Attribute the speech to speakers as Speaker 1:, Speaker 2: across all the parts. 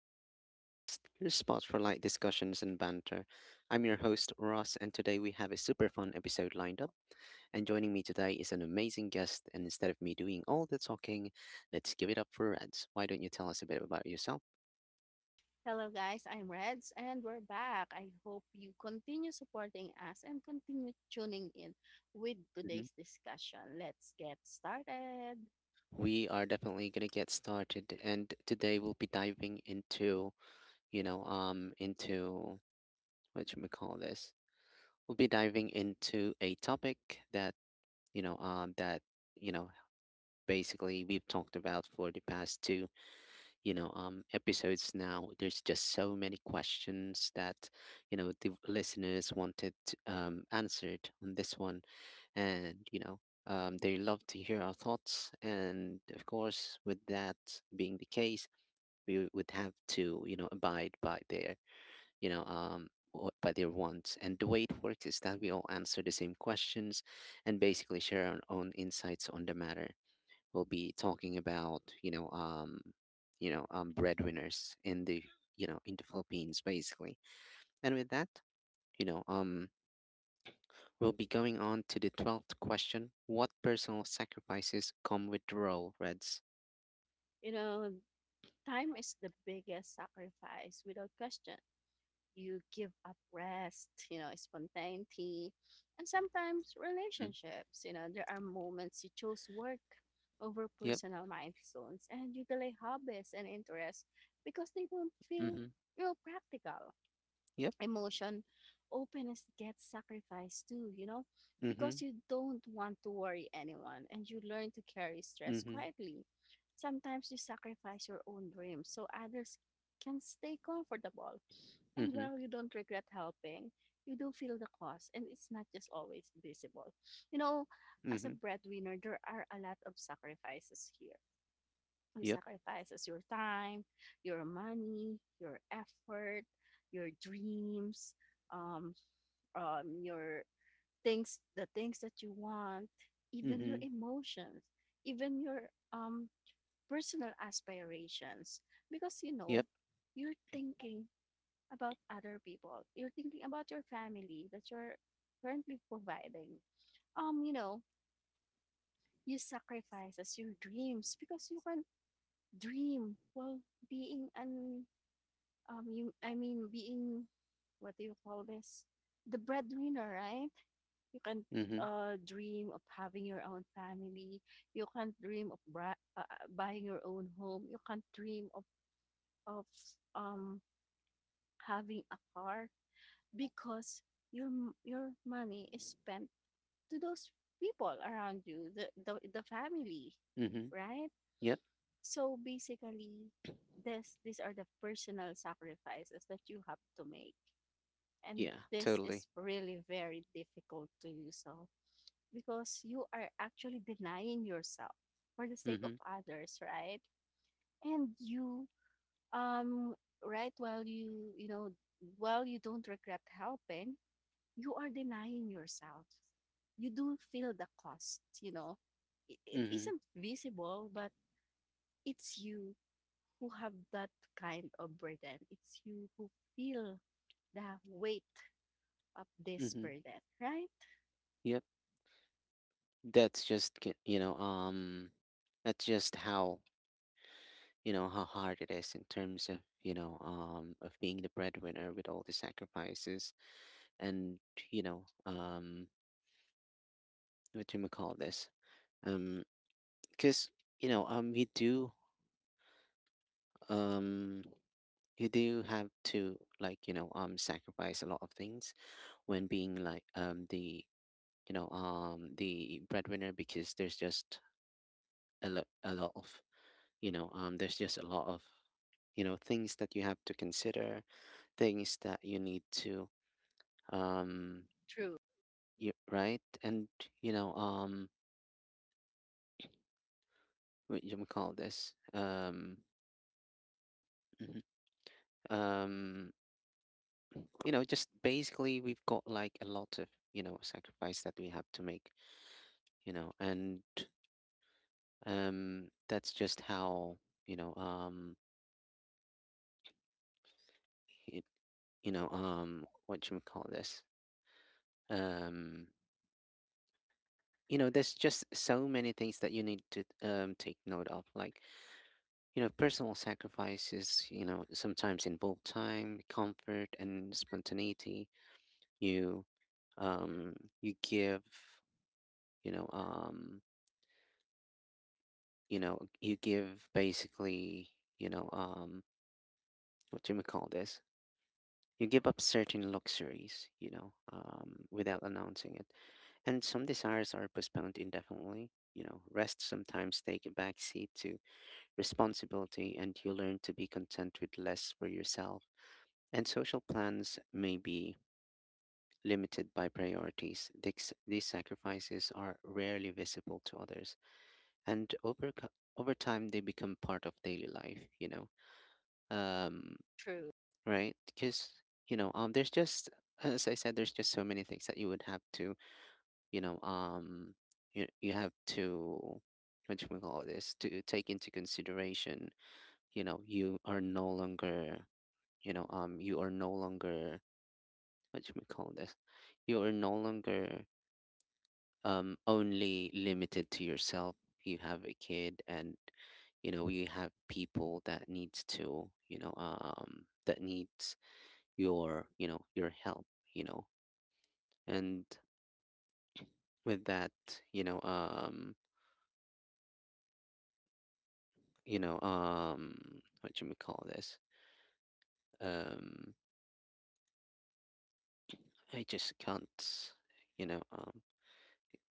Speaker 1: English Podcast, your spot for light discussions and banter. I'm your host, Ross, and today we have a super fun episode lined up. And joining me today is an amazing guest, and instead of me doing all the talking, let's give it up for Reds. Why don't you tell us a bit about yourself?
Speaker 2: Hello, guys. I'm Reds, and we're back. I hope you continue supporting us and continue tuning in with
Speaker 1: Mhm.
Speaker 2: today's discussion. Let's get started.
Speaker 1: We are definitely going to get started, and today we'll be diving into you know, um, into what should we call this? We'll be diving into a topic that you know, um, that you know, basically we've talked about for the past two episodes now. There's just so many questions that the listeners wanted answered on this one, and you know. They love to hear our thoughts, and of course, with that being the case, we would have to abide by their you know, what- by their wants. And the way it works is that we all answer the same questions and basically share our own insights on the matter. We'll be talking about breadwinners in the Philippines, basically. And with that, you know, um, we'll be going on to the 12th question. What personal sacrifices come with the role, Reds?
Speaker 2: You know, time is the biggest sacrifice without question. You give up rest, you know, spontaneity, and sometimes
Speaker 1: Mm,
Speaker 2: relationships. You know, there are moments you choose work over
Speaker 1: yep.
Speaker 2: personal milestones, and you delay hobbies and interests because they don't feel
Speaker 1: Mm-hmm.
Speaker 2: real practical
Speaker 1: Yep.
Speaker 2: emotion. Openness gets sacrificed too, you know,
Speaker 1: Mm-hmm.
Speaker 2: because you don't want to worry anyone and you learn to carry stress
Speaker 1: Mm-hmm.
Speaker 2: quietly. Sometimes you sacrifice your own dreams so others can stay comfortable. And
Speaker 1: Mm-hmm.
Speaker 2: while you don't regret helping, you do feel the cost, and it's not just always visible. You know, as a
Speaker 1: Mm-hmm.
Speaker 2: breadwinner, there are a lot of sacrifices here. You
Speaker 1: Yep.
Speaker 2: sacrifice as your time, your money, your effort, your dreams, um, your things, the things that you want, even your
Speaker 1: Mm-hmm.
Speaker 2: emotions, even your personal aspirations. Because, you
Speaker 1: Yep.
Speaker 2: know, you're thinking about other people. You're thinking about your family that you're currently providing. You know, you sacrifices your dreams because you can dream while being an you I mean being, what do you call this? The breadwinner, right? You can
Speaker 1: Mm-hmm.
Speaker 2: dream of having your own family. You can't dream of buying your own home. You can't dream of of um having a car because your money is spent to those people around you, the family,
Speaker 1: Mm-hmm.
Speaker 2: right?
Speaker 1: Yep.
Speaker 2: So basically, this these are the personal sacrifices that you have to make, and
Speaker 1: Yeah,
Speaker 2: this
Speaker 1: totally.
Speaker 2: is really very difficult to you. So because you are actually denying yourself for the sake of
Speaker 1: Mhm.
Speaker 2: others, right? And you, um right, while while you don't regret helping, you are denying yourself. You do feel the cost, you know. It
Speaker 1: Mhm.
Speaker 2: isn't visible, but it's you who have that kind of burden. It's you who feel the weight of this
Speaker 1: Mhm.
Speaker 2: burden, right?
Speaker 1: Yep. That's just ki- you know, um that's just how hard it is in terms of being the breadwinner with all the sacrifices and, you know, um what do you call this? Um cuz you um do have to like, sacrifice a lot of things when being like the you know the breadwinner because there's just a lot of, you know, there's just a lot of things that you have to consider, things that you need to, um,
Speaker 2: True.
Speaker 1: you, right? And, you know, um, what you call thismhm, um, just basically we've got like a lot of sacrifice that we have to make, and that's just how, you know, um, it. What you call this, um, there's just so many things that you need to take note of, like personal sacrifices sometimes involve time, comfort, and spontaneity. You um you give you know you know you give basically you know um what do you call this, you give up certain luxuries without announcing it, and some desires are postponed indefinitely. Rest sometimes take a backseat to responsibility, and you learn to be content with less for yourself. And social plans may be limited by priorities. These sacrifices are rarely visible to others, and over time they become part of daily life. Um,
Speaker 2: True.
Speaker 1: right? Because you know, there's just as I said, there's just so many things that you would have to, you know, you you have to what do we call this, to take into consideration. You are no longer, what should we call this, you are no longer only limited to yourself. You have a kid, and you have people that needs your help. You know and with that you know um you know um what should we call this um i just can't you know um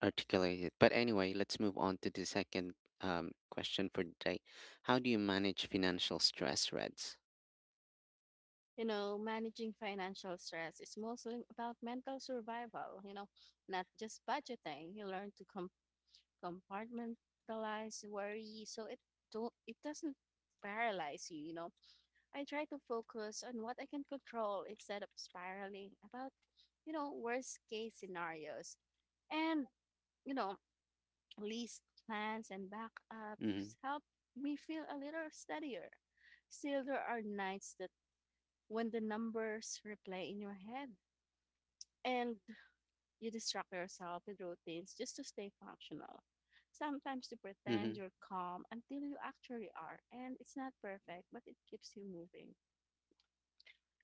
Speaker 1: articulate it. But anyway, let's move on to the second question for today. How do you manage financial stress, Reds?
Speaker 2: You know, managing financial stress is mostly about mental survival, you know, not just budgeting. You learn to compartmentalize worry so it doesn't paralyze you, you know. I try to focus on what I can control instead of spiraling about, you know, worst case scenarios. And, you know, least plans and
Speaker 1: Mm-hmm.
Speaker 2: backups help me feel a little steadier. Still, there are nights that when the numbers replay in your head, and you distract yourself with routines just to stay functional. Sometimes you pretend
Speaker 1: Mm-hmm.
Speaker 2: you're calm until you actually are, and it's not perfect, but it keeps you moving.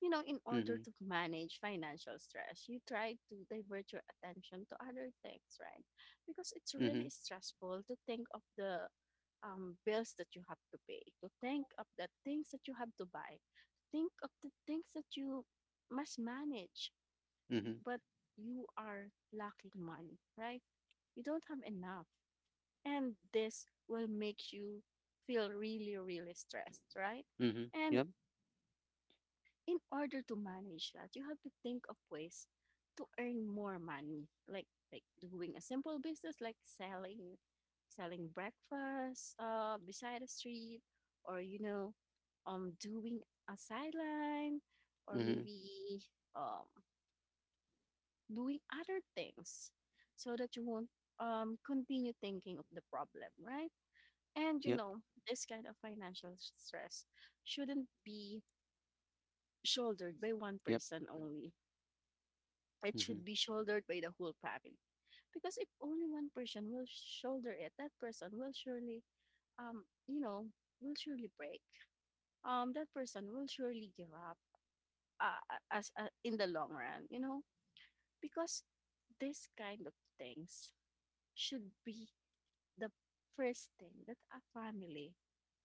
Speaker 2: You know, in order
Speaker 1: Mm-hmm.
Speaker 2: to manage financial stress, you try to divert your attention to other things, right? Because it's
Speaker 1: Mm-hmm.
Speaker 2: really stressful to think of the bills that you have to pay, to think of the things that you have to buy, to think of the things that you must manage.
Speaker 1: Mm-hmm.
Speaker 2: But you are lacking money, right? You don't have enough. And this will make you feel really, really stressed, right?
Speaker 1: Mm-hmm.
Speaker 2: And
Speaker 1: Yep.
Speaker 2: in order to manage that, you have to think of ways to earn more money, like doing a simple business, like selling breakfast beside the street, or, you know, doing a sideline, or
Speaker 1: Mm-hmm.
Speaker 2: maybe um doing other things so that you won't continue thinking of the problem, right? And you
Speaker 1: Yep.
Speaker 2: know, this kind of financial stress shouldn't be shouldered by one
Speaker 1: Yep.
Speaker 2: person only. It
Speaker 1: Mm-hmm.
Speaker 2: should be shouldered by the whole family. Because if only one person will shoulder it, that person will surely, um, you know, will surely break. That person will surely give up as in the long run, you know, because this kind of things should be the first thing that a family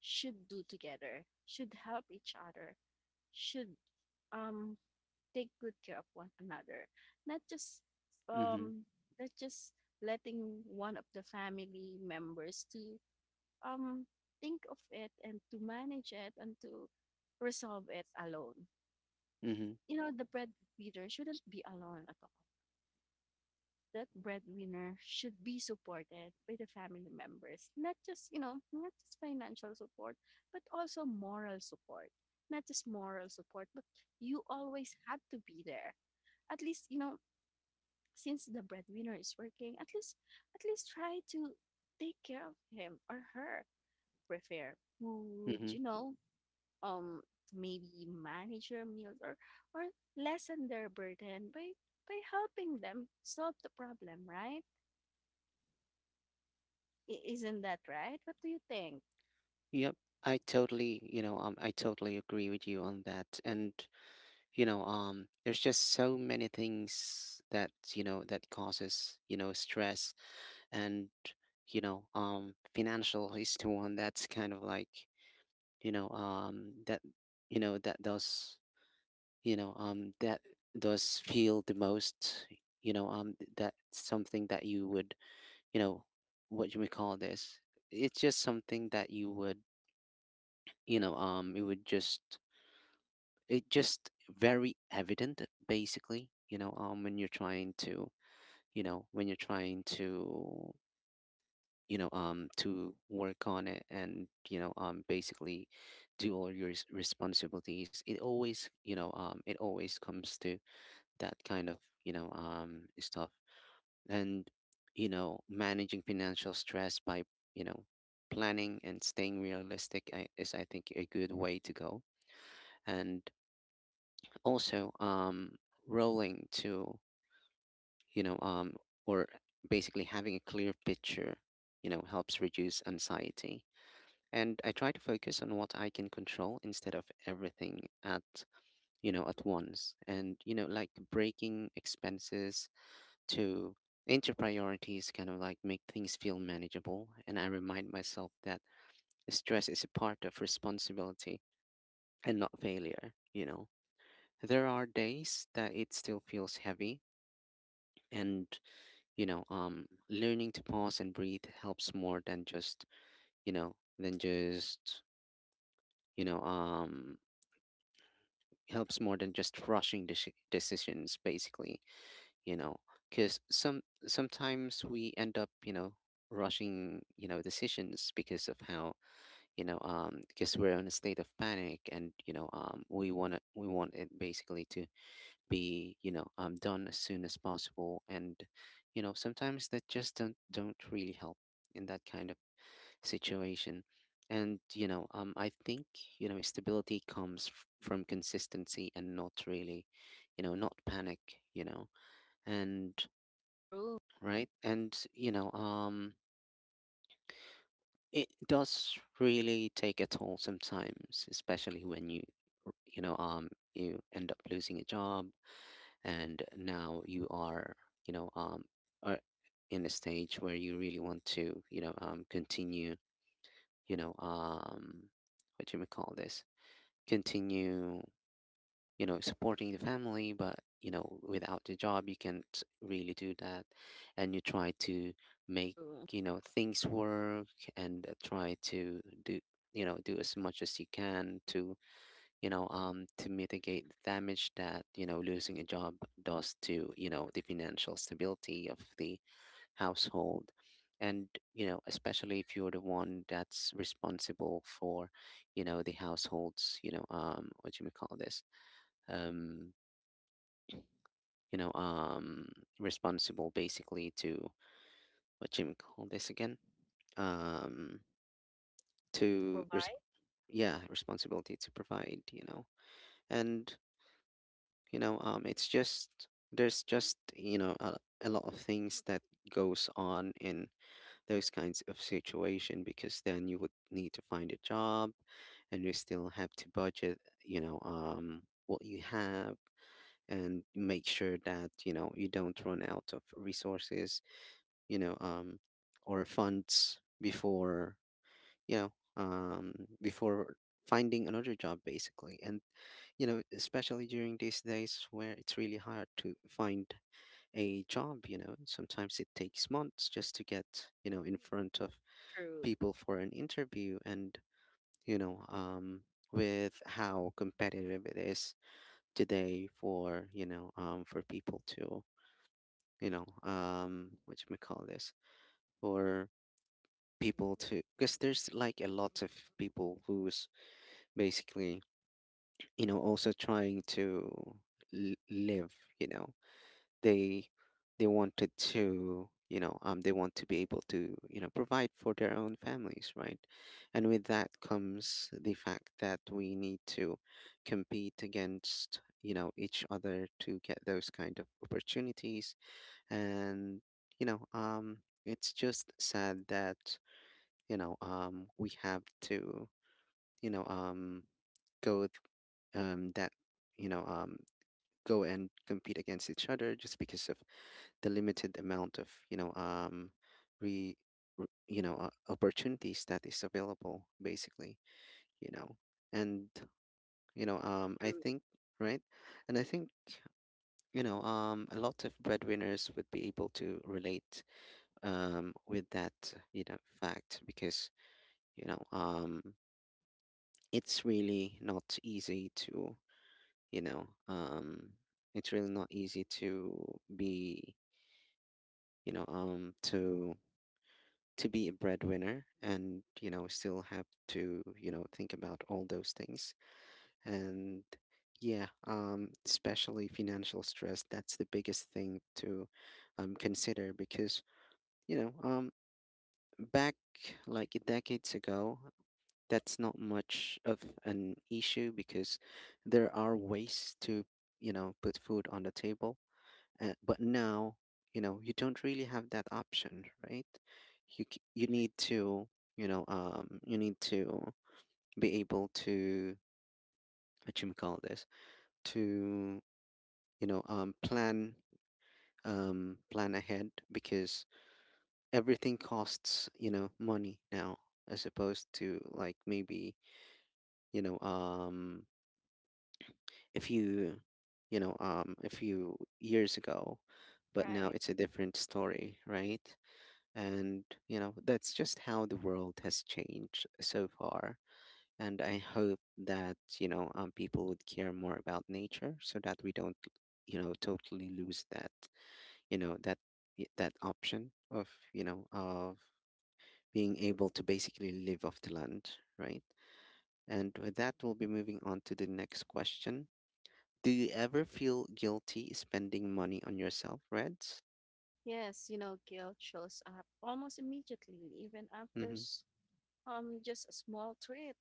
Speaker 2: should do together, should help each other, should, um, take good care of one another. Not just,
Speaker 1: Mm-hmm.
Speaker 2: um, not just letting one of the family members to, um, think of it and to manage it and to resolve it alone.
Speaker 1: Mm-hmm.
Speaker 2: You know, the breadwinner shouldn't be alone at all. That breadwinner should be supported by the family members, not just, you know, not just financial support, but also moral support. Not just moral support, but you always had to be there. At least, you know, since the breadwinner is working, at least, try to take care of him or her, prepare food,
Speaker 1: Mm-hmm.
Speaker 2: you know, um maybe manage their meals, or or lessen their burden by helping them solve the problem, right? Isn't that right? What do you think?
Speaker 1: Yep. I totally agree with you on that. And there's just so many things that causes stress and financial is the one that's kind of like you know um that that you know um that does feel the most, you know, um, that something that you would, you know, what you may call this, it's just something that you would, it would just, it just very evident basically, you know, um, when you're trying to you know when you're trying to, you know, um, to work on it, and basically do all your responsibilities, it always you know it always comes to that kind of, you know, um, stuff. And managing financial stress by, you know, planning and staying realistic, I- is I think a good way to go. And also, rolling to, you know, um, or basically having a clear picture, you know, helps reduce anxiety, and I try to focus on what I can control instead of everything at, you know, at once. And you know, like breaking expenses to into priorities kind of like make things feel manageable, and I remind myself that stress is a part of responsibility and not failure, you know. There are days that it still feels heavy, and learning to pause and breathe helps more than just, you know, than just, you know, um, helps more than just rushing decisions, basically, you know. Because sometimes we end up, you know, rushing, you know, decisions because of how, you know, um, because we're in a state of panic, and we want to, we want it basically to be, you know, um, done as soon as possible. And you know, sometimes that just don't really help in that kind of situation. And, I think, you know, stability comes from consistency and not really, you know, not panic, you know, and
Speaker 2: True.
Speaker 1: right. And, it does really take a toll sometimes, especially when you, you end up losing a job, and now you are, you know, um, are in a stage where you really want to, continue, you know, um, what do you call this? Continue, you know, supporting the family, but you know, without the job you can't really do that. And you try to make,
Speaker 2: True.
Speaker 1: you know, things work, and try to do, you know, do as much as you can to, to mitigate the damage that, you know, losing a job does to, you know, the financial stability of the household. And, you know, especially if you're the one that's responsible for, you know, the household's, what do you call this? Um, you know, um, responsible basically to, what do you call this again? Um, to,
Speaker 2: Provide?
Speaker 1: yeah, responsibility to provide, you know. And you know, it's just there's just, you know, a lot of things that goes on in those kinds of situation, because then you would need to find a job, and you still have to budget, what you have, and make sure that, you know, you don't run out of resources, you know um or funds before, before finding another job, basically. And, you know, especially during these days where it's really hard to find a job, you know, sometimes it takes months just to get, you know, in front of
Speaker 2: True.
Speaker 1: people for an interview. And, you know, um, with how competitive it is today for, for people to, you know, what you may call this, for people to, because there's like a lot of people who's basically also trying to live. You know they they wanted to, they want to be able to provide for their own families, right? And with that comes the fact that we need to compete against each other to get those kind of opportunities. And you know um it's just sad that we have to you know um go with, that you know go and compete against each other just because of the limited amount of you know re, re you know opportunities that is available, basically. you know and I
Speaker 2: True.
Speaker 1: think. Right. And I think a lot of breadwinners would be able to relate with that fact, because you know um it's really not easy to you know um it's really not easy to be, you know um to to be a breadwinner, and still have to think about all those things. And yeah, especially financial stress, that's the biggest thing to consider, because you know um back like decades ago, that's not much of an issue because there are ways to put food on the table. But now, you don't really have that option, right? You c- you need to, you you need to be able to what you may call this to, plan, plan ahead, because everything costs money now, as opposed to like maybe, you know, um if you, you know a few years ago. But now
Speaker 2: Right.
Speaker 1: it's a different story, right? And that's just how the world has changed so far. And I hope that, people would care more about nature, so that we don't, totally lose that, you know, that that option of being able to basically live off the land, right? And with that, we'll be moving on to the next question. Do you ever feel guilty spending money on yourself, Reds?
Speaker 2: Yes, you know, guilt shows up almost immediately, even after
Speaker 1: Mm-hmm.
Speaker 2: just a small tweet.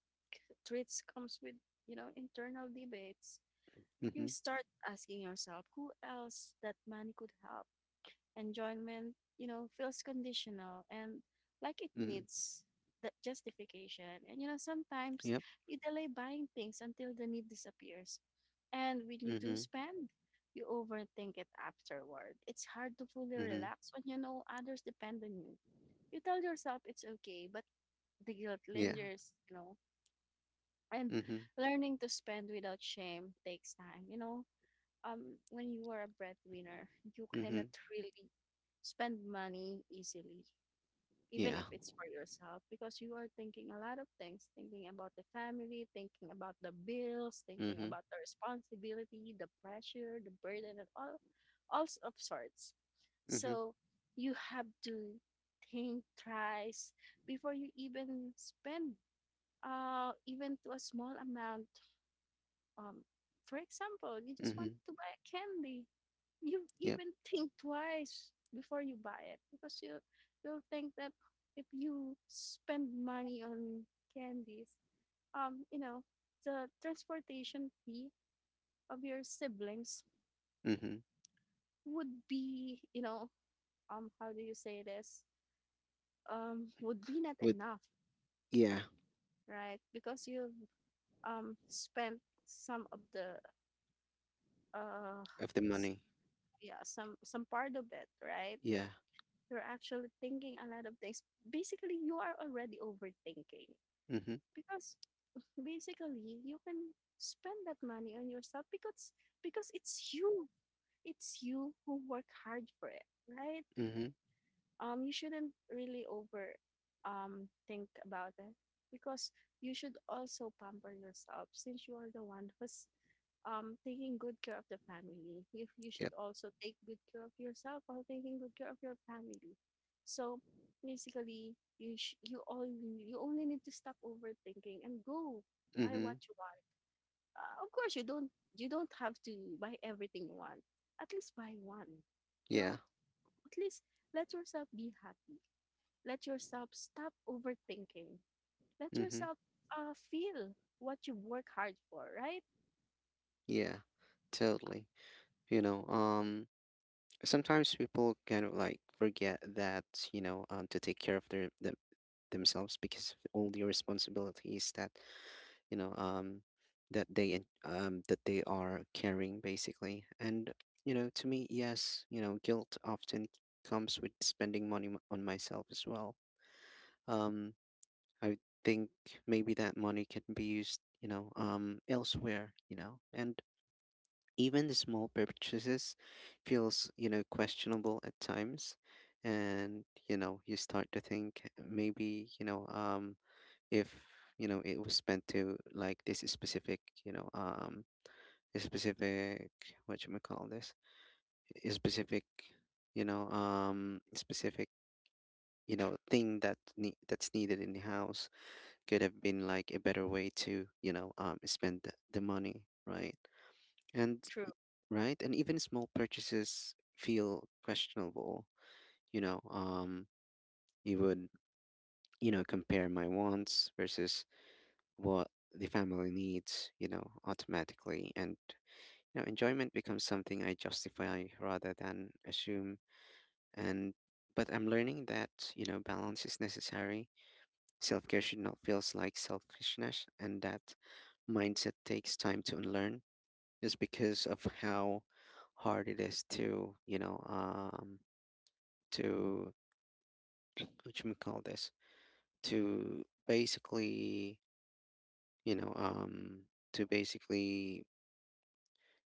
Speaker 2: Tweets comes with, you know, internal debates.
Speaker 1: Mm-hmm.
Speaker 2: You start asking yourself who else that money could help. Enjoyment, you know, feels conditional and like it
Speaker 1: Mm-hmm.
Speaker 2: needs that justification. And you know, sometimes
Speaker 1: Yep.
Speaker 2: you delay buying things until the need disappears. And when you do
Speaker 1: Mm-hmm.
Speaker 2: spend, you overthink it afterward. It's hard to fully
Speaker 1: Mm-hmm.
Speaker 2: relax when you know others depend on you. You tell yourself it's okay, but the guilt
Speaker 1: Yeah.
Speaker 2: lingers, you know. And
Speaker 1: Mm-hmm.
Speaker 2: learning to spend without shame takes time, you know. Um, when you are a breadwinner, you cannot
Speaker 1: Mm-hmm.
Speaker 2: really spend money easily, even
Speaker 1: Yeah.
Speaker 2: if it's for yourself, because you are thinking a lot of things: thinking about the family, thinking about the bills, thinking
Speaker 1: Mm-hmm.
Speaker 2: about the responsibility, the pressure, the burden, and all of sorts.
Speaker 1: Mm-hmm.
Speaker 2: So you have to think thrice before you even spend, even to a small amount. Um, for example, you just want
Speaker 1: Mm-hmm.
Speaker 2: to buy a candy. You
Speaker 1: Yep.
Speaker 2: even think twice before you buy it, because you'll think that if you spend money on candies, you know, the transportation fee of your siblings
Speaker 1: Mm-hmm.
Speaker 2: would be, you know, how do you say this? Would be not
Speaker 1: With,
Speaker 2: enough,
Speaker 1: yeah,
Speaker 2: right? Because you spent some of the, uh,
Speaker 1: of the money.
Speaker 2: yeah, some part of it, right?
Speaker 1: Yeah.
Speaker 2: You're actually thinking a lot of things. Basically, you are already overthinking,
Speaker 1: Mm-hmm.
Speaker 2: because basically you can spend that money on yourself because it's you. It's you who work hard for it, right?
Speaker 1: Mm-hmm.
Speaker 2: You shouldn't really over think about it, because you should also pamper yourself, since you are the one who's taking good care of the family. If you should
Speaker 1: Yep.
Speaker 2: also take good care of yourself while taking good care of your family, so basically you sh- you all you only need to stop overthinking and go buy
Speaker 1: Mm-hmm.
Speaker 2: what you want. Of course, you don't have to buy everything you want. At least buy one, you
Speaker 1: Yeah.
Speaker 2: know. At least let yourself be happy, let yourself stop overthinking, let
Speaker 1: Mm-hmm.
Speaker 2: yourself feel what you work hard for, right?
Speaker 1: Yeah. Totally. You know, um, Sometimes people kind of like forget that, to take care of their, themselves, because of all the responsibilities that you know um that they are carrying, basically. And to me, yes, guilt often comes with spending money on myself as well. um I think maybe that money can be used elsewhere, and even the small purchases feels questionable at times. And you start to think maybe if it was spent to like this specific a specific, what you call this, a specific, you know um specific thing that that's needed in the house, could have been like a better way to spend the money, right. And
Speaker 2: True.
Speaker 1: right, and even small purchases feel questionable. you know um you would compare my wants versus what the family needs, automatically. And enjoyment becomes something I justify rather than assume. And, but I'm learning that balance is necessary. Self care should not feel like selfishness, and that mindset takes time to unlearn, just because of how hard it is to, to, what you call this, to basically, you know, um, to basically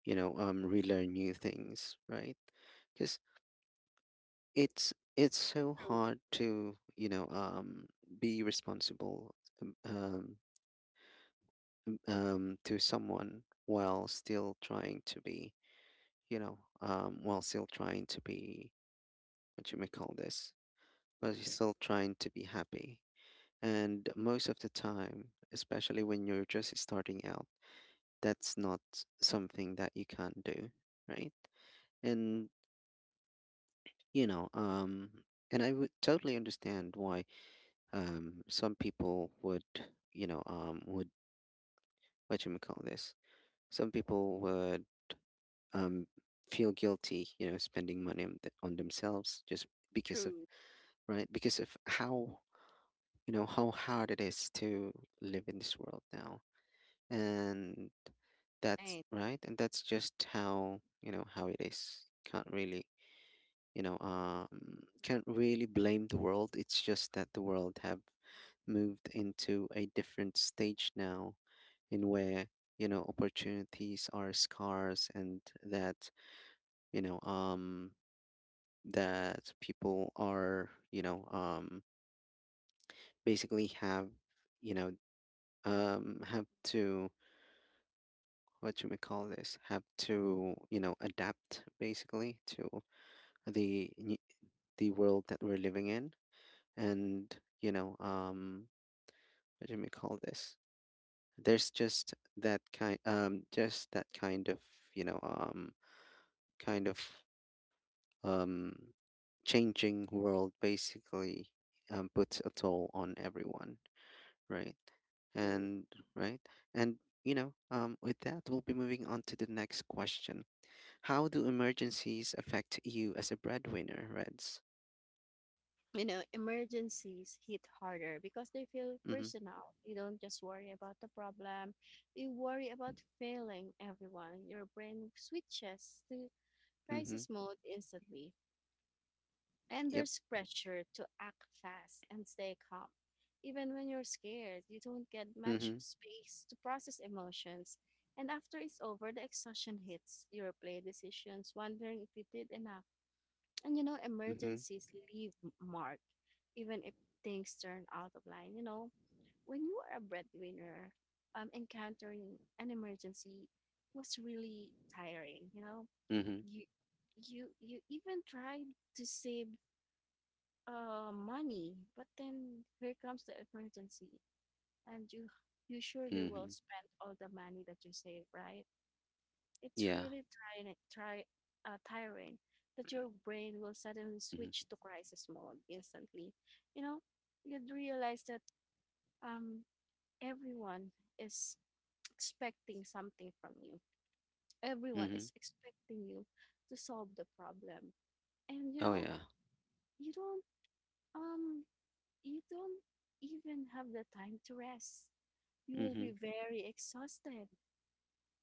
Speaker 1: relearn new things, right. Because it's so
Speaker 2: True.
Speaker 1: hard to be responsible, um um to someone, while still trying to be, you know um while still trying to be what you may call this, but you're still trying to be happy. And most of the time, especially when you're just starting out, that's not something that you can do, right. And you know um and I would totally understand why some people would would, what you call this, some people would um feel guilty spending money on, on themselves, just because of,
Speaker 2: True.
Speaker 1: right, because of how how hard it is to live in this world now. And that's
Speaker 2: Right.
Speaker 1: right, and that's just how how it is. Can't really can't really blame the world. It's just that the world have moved into a different stage now, in where opportunities are scarce, and that you know um that people are, basically have you know have to, what you may call this, have to adapt, basically, to the new- the world that we're living in. And what do we call this? There's just that kind of, you know, um, kind of, um, changing world, basically, puts a toll on everyone, right?
Speaker 2: True.
Speaker 1: And right, and with that, we'll be moving on to the next question. How do emergencies affect you as a breadwinner, Reds?
Speaker 2: You know, emergencies hit harder because they feel
Speaker 1: Mm-hmm.
Speaker 2: personal. You don't just worry about the problem, you worry about failing everyone. Your brain switches to
Speaker 1: Mm-hmm.
Speaker 2: crisis mode instantly. And
Speaker 1: Yep.
Speaker 2: there's pressure to act fast and stay calm. Even when you're scared, you don't get much
Speaker 1: Mm-hmm.
Speaker 2: space to process emotions. And after it's over, the exhaustion hits. You replay decisions, wondering if you did enough. And you know,
Speaker 1: Mm-hmm.
Speaker 2: emergencies leave mark, even if things turn out of line. You know, when you are a breadwinner, encountering an emergency was really tiring. You know,
Speaker 1: Mm-hmm.
Speaker 2: you you even tried to save money, but then here comes the emergency, and you surely will
Speaker 1: Mm-hmm.
Speaker 2: spend all the money that you save, right? It's
Speaker 1: Yeah.
Speaker 2: really tiring, that your brain will suddenly
Speaker 1: Mm-hmm.
Speaker 2: switch to crisis mode instantly. You know, you'd realize that, um, everyone is expecting something from you. Everyone
Speaker 1: Mm-hmm.
Speaker 2: is expecting you to solve the problem, and you
Speaker 1: Oh
Speaker 2: know,
Speaker 1: yeah.
Speaker 2: you don't, um, you don't even have the time to rest. You will
Speaker 1: Mm-hmm.
Speaker 2: be very exhausted,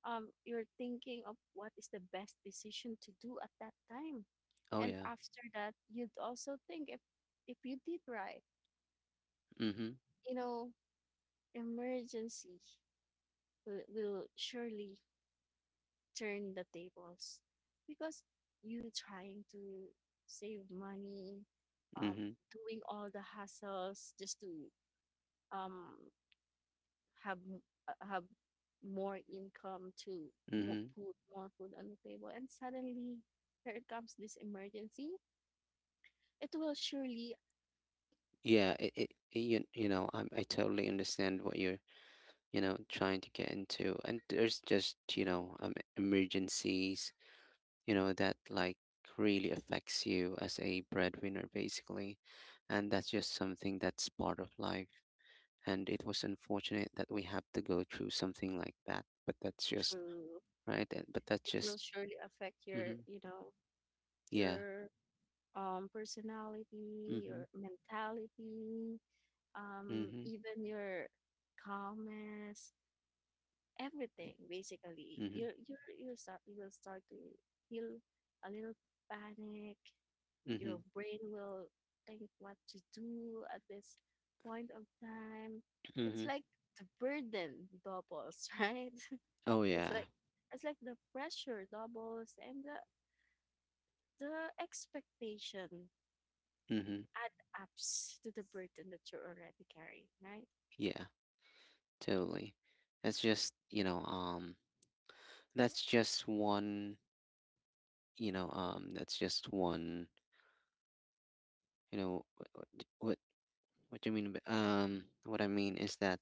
Speaker 2: you're thinking of what is the best decision to do at that time.
Speaker 1: Oh
Speaker 2: And
Speaker 1: yeah.
Speaker 2: after that, you'd also think if you did right,
Speaker 1: Mhm.
Speaker 2: you know. Emergency will, surely turn the tables, because you trying to save money, um,
Speaker 1: Mhm.
Speaker 2: doing all the hassles just to um have have more income to
Speaker 1: Mhm.
Speaker 2: put more food on the table, and suddenly here comes this emergency, it will surely
Speaker 1: Yeah. You know I totally understand what you're trying to get into. And there's just emergencies, that like really affects you as a breadwinner, basically. And that's just something that's part of life. And it was unfortunate that we have to go through something like that, but that's just
Speaker 2: true
Speaker 1: right. But that's
Speaker 2: it will
Speaker 1: just,
Speaker 2: surely affect your,
Speaker 1: mhm.
Speaker 2: you know,
Speaker 1: Yeah.
Speaker 2: your personality,
Speaker 1: Mhm.
Speaker 2: your mentality,
Speaker 1: Mhm.
Speaker 2: even your calmness, everything. Basically,
Speaker 1: Mhm.
Speaker 2: you will start to feel a little panic. Your
Speaker 1: Mhm.
Speaker 2: brain will think what to do at this point of time. It's
Speaker 1: Mhm.
Speaker 2: like the burden doubles, right?
Speaker 1: Oh
Speaker 2: It's
Speaker 1: yeah.
Speaker 2: like, the pressure doubles and the, expectation
Speaker 1: Mhm.
Speaker 2: add ups to the burden that you're already carrying, right?
Speaker 1: Yeah, totally. That's just, that's just one, that's just one, what, what do you mean what I mean is that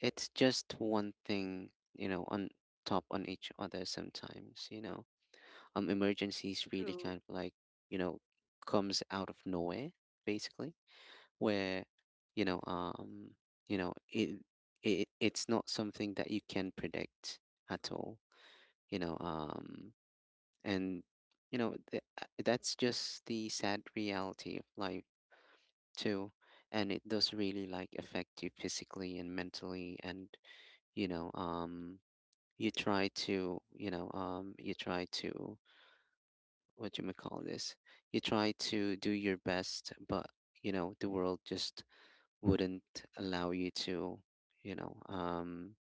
Speaker 1: it's just one thing, on top on each other sometimes, emergencies really
Speaker 2: True.
Speaker 1: kind of like, you know, comes out of nowhere, basically, where, you know, um, it, it's not something that you can predict at all, you know um and that's just the sad reality of life too. And it does really like affect you physically and mentally, and you know um you try to you try to what you may call this, you try to do your best, but the world just wouldn't allow you to you know um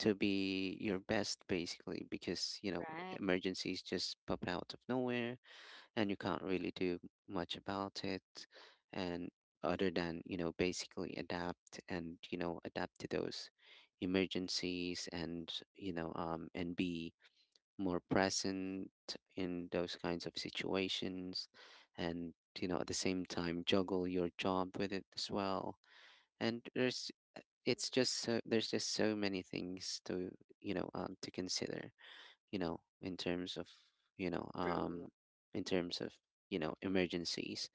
Speaker 1: to be your best, basically, because
Speaker 2: Right.
Speaker 1: emergencies just pop out of nowhere, and you can't really do much about it. And other than basically adapt, and adapt to those emergencies, and be more present in those kinds of situations. And at the same time juggle your job with it as well. And there's, there's just so many things to, to consider, in terms of you know
Speaker 2: True.
Speaker 1: um in terms of emergencies.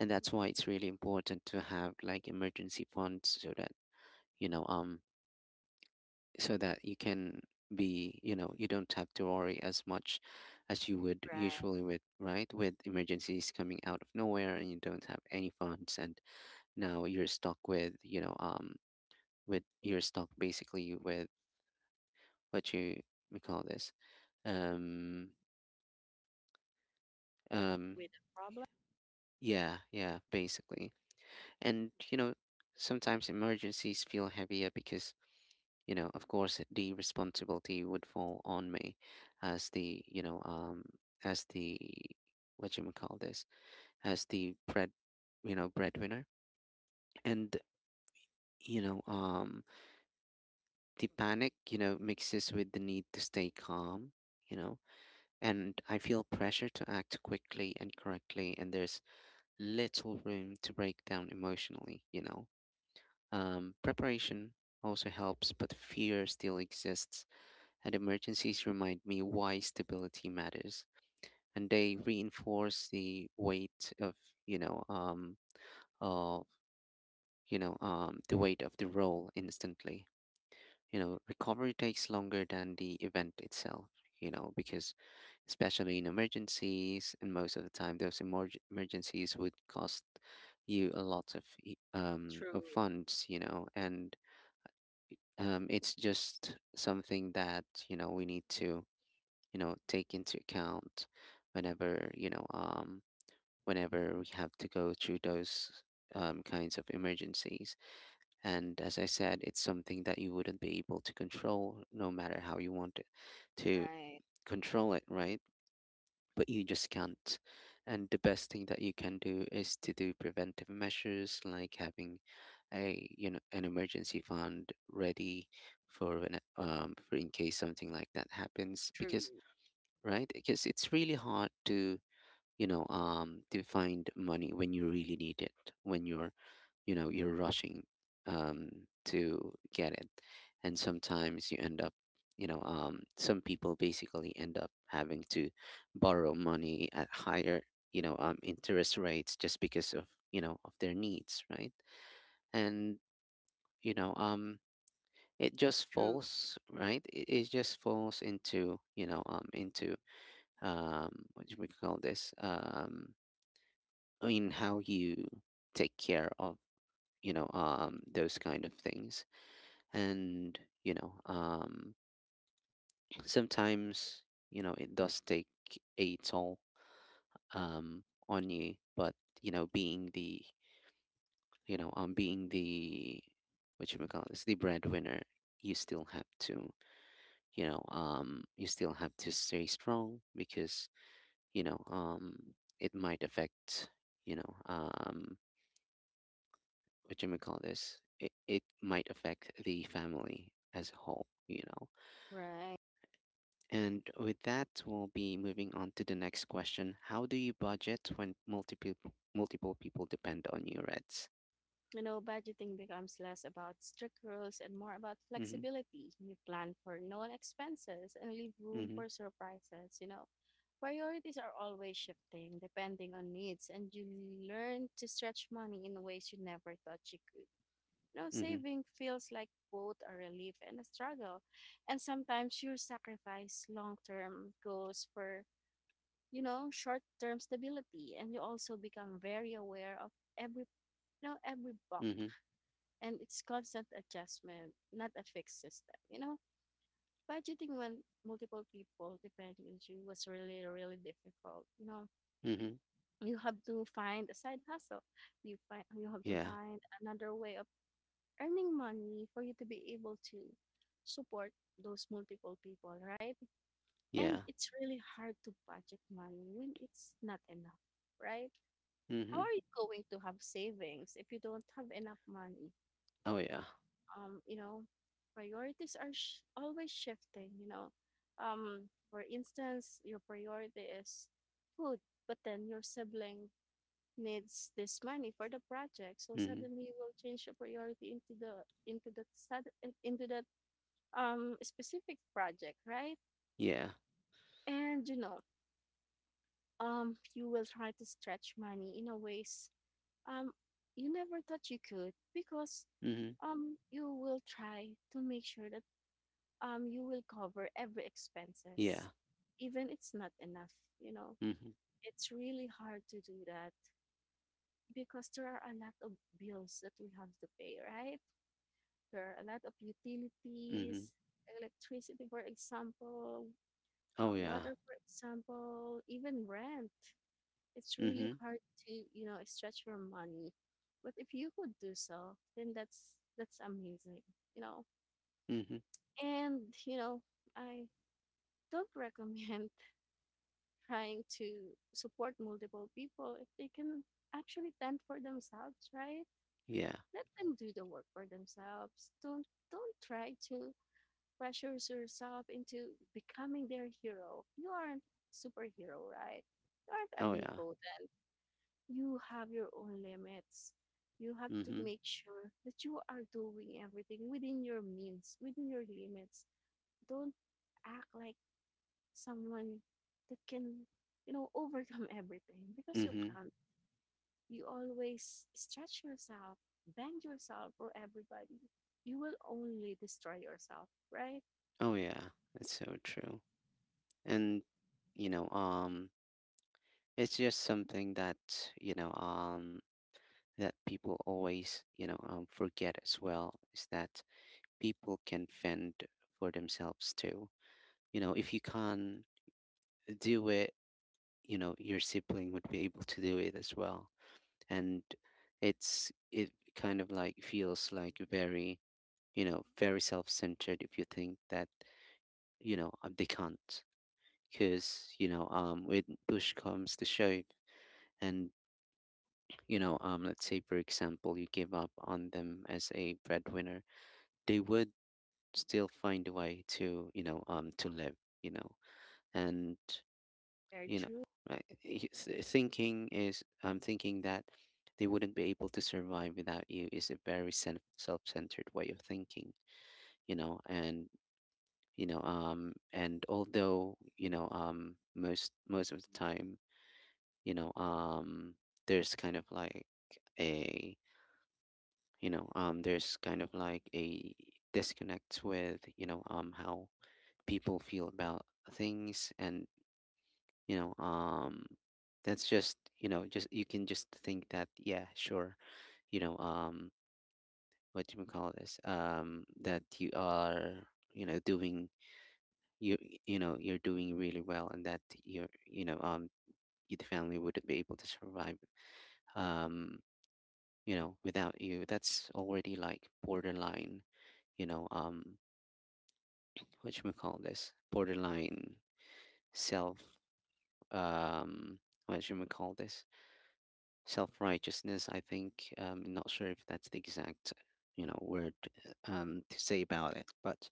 Speaker 1: And that's why it's really important to have like emergency funds, so that you know um so that you can be, you don't have to worry as much as you would
Speaker 2: Right.
Speaker 1: usually, with, right, with emergencies coming out of nowhere and you don't have any funds. And now you're stuck with, you're stuck basically with what you we call this, um, um.
Speaker 2: With a problem,
Speaker 1: Yeah, yeah, basically. And sometimes emergencies feel heavier because, of course, the responsibility would fall on me as the, as the, what you would call this, as the bread, breadwinner. And you know, um, the panic mixes with the need to stay calm, you know, and I feel pressure to act quickly and correctly, and there's little room to break down emotionally, preparation also helps, but fear still exists, and emergencies remind me why stability matters, and they reinforce the weight of, you know um of the weight of the role instantly. Recovery takes longer than the event itself. Because especially in emergencies, and most of the time, those emergencies would cost you a lot of of
Speaker 2: true.
Speaker 1: funds. And it's just something that we need to take into account whenever whenever we have to go through those, kinds of emergencies. And as I said, it's something that you wouldn't be able to control no matter how you want it to
Speaker 2: Right.
Speaker 1: control it, right. But you just can't. And the best thing that you can do is to do preventive measures, like having a you know an emergency fund ready for when, for in case something like that happens.
Speaker 2: True.
Speaker 1: Because right, because it's really hard to to find money when you really need it, when you're, you're rushing to get it. And sometimes you end up, some people basically end up having to borrow money at higher, interest rates, just because of of their needs, right. And you know um it just
Speaker 2: True.
Speaker 1: falls, right, it just falls into, into, um, what do we call this, um, in how you take care of those kind of things. And sometimes it does take a toll, um on you. But being the, being the, what you may call this, the breadwinner, you still have to you still have to stay strong, because you know um it might affect you know um what you may call this, it might affect the family as a whole,
Speaker 2: Right.
Speaker 1: And with that, we'll be moving on to the next question. How do you budget when multiple people depend on you, Reds?
Speaker 2: You know, budgeting becomes less about strict rules and more about
Speaker 1: Mm-hmm.
Speaker 2: flexibility. You plan for known expenses and leave room
Speaker 1: Mm-hmm.
Speaker 2: for surprises, you know. Priorities are always shifting depending on needs, and you learn to stretch money in ways you never thought you could. You know,
Speaker 1: Mm-hmm.
Speaker 2: saving feels like both a relief and a struggle, and sometimes you sacrifice long term goals for, you know, short term stability, and you also become very aware of every every box,
Speaker 1: Mm-hmm.
Speaker 2: and it's constant adjustment, not a fixed system. You know, budgeting when multiple people depending on you was really, really difficult. You know,
Speaker 1: Mm-hmm.
Speaker 2: you have to find a side hustle. You have to
Speaker 1: Yeah.
Speaker 2: find another way of earning money for you to be able to support those multiple people, right? And
Speaker 1: Yeah.
Speaker 2: it's really hard to budget money when it's not enough, right? How
Speaker 1: Mm-hmm.
Speaker 2: are you going to have savings if you don't have enough money?
Speaker 1: Oh yeah.
Speaker 2: You know, priorities are always shifting, you know. For instance, your priority is food, but then your sibling needs this money for the project. So
Speaker 1: Mm-hmm.
Speaker 2: suddenly you will change your priority into that into that specific project, right?
Speaker 1: Yeah.
Speaker 2: And you will try to stretch money in a ways um you never thought you could, because
Speaker 1: Mm-hmm.
Speaker 2: you will try to make sure that you will cover every
Speaker 1: Yeah.
Speaker 2: expenses, even it's not enough. You know,
Speaker 1: Mm-hmm.
Speaker 2: it's really hard to do that because there are a lot of bills that we have to pay, right? There are a lot of
Speaker 1: Mm-hmm.
Speaker 2: utilities, electricity, for example,
Speaker 1: Oh yeah.
Speaker 2: water, for example, even rent. It's really
Speaker 1: Mm-hmm.
Speaker 2: hard to, you know, stretch your money. But if you could do so, then that's amazing, you know.
Speaker 1: Mm-hmm.
Speaker 2: And you know, I don't recommend trying to support multiple people if they can actually tend for themselves, right?
Speaker 1: Yeah.
Speaker 2: Let them do the work for themselves. Don't try to pressure yourself into becoming their hero. You aren't superhero, right? You aren't
Speaker 1: Oh yeah.
Speaker 2: omnipotent. You have your own limits. You have to
Speaker 1: Mm-hmm.
Speaker 2: make sure that you are doing everything within your means, within your limits. Don't act like someone that can, you know, overcome everything because you
Speaker 1: Mm-hmm.
Speaker 2: can't. You always stretch yourself, bend yourself for everybody. You will only destroy yourself, right?
Speaker 1: Oh yeah. That's so true. And you know, um, it's just something you know, um that people always, forget as well, is that people can fend for themselves too. If you can't do it, your sibling would be able to do it as well. And it kind of like feels like very, very self centered if you think that they can't. Because when push comes to shove, and, let's say, for example, you give up on them as a breadwinner, they would still find a way to live you know and
Speaker 2: Very
Speaker 1: you know
Speaker 2: true.
Speaker 1: right y- s- thinking is I'm thinking that they wouldn't be able to survive without you is a very self-centered way of thinking. You know and you know and although you know most of the time, you know um there's kind of like a— there's kind of like a disconnect with, how people feel about things. And you know um that's just, you can just think that, yeah, sure, you know um what do you call this, that you are, doing— you you know you're doing really well, and that you're, the family wouldn't be able to survive, um without you. That's already like borderline, you know um what should we call this, borderline self, um what should we call this self-righteousness, I think. I'm not sure if that's the exact, word, to say about it, but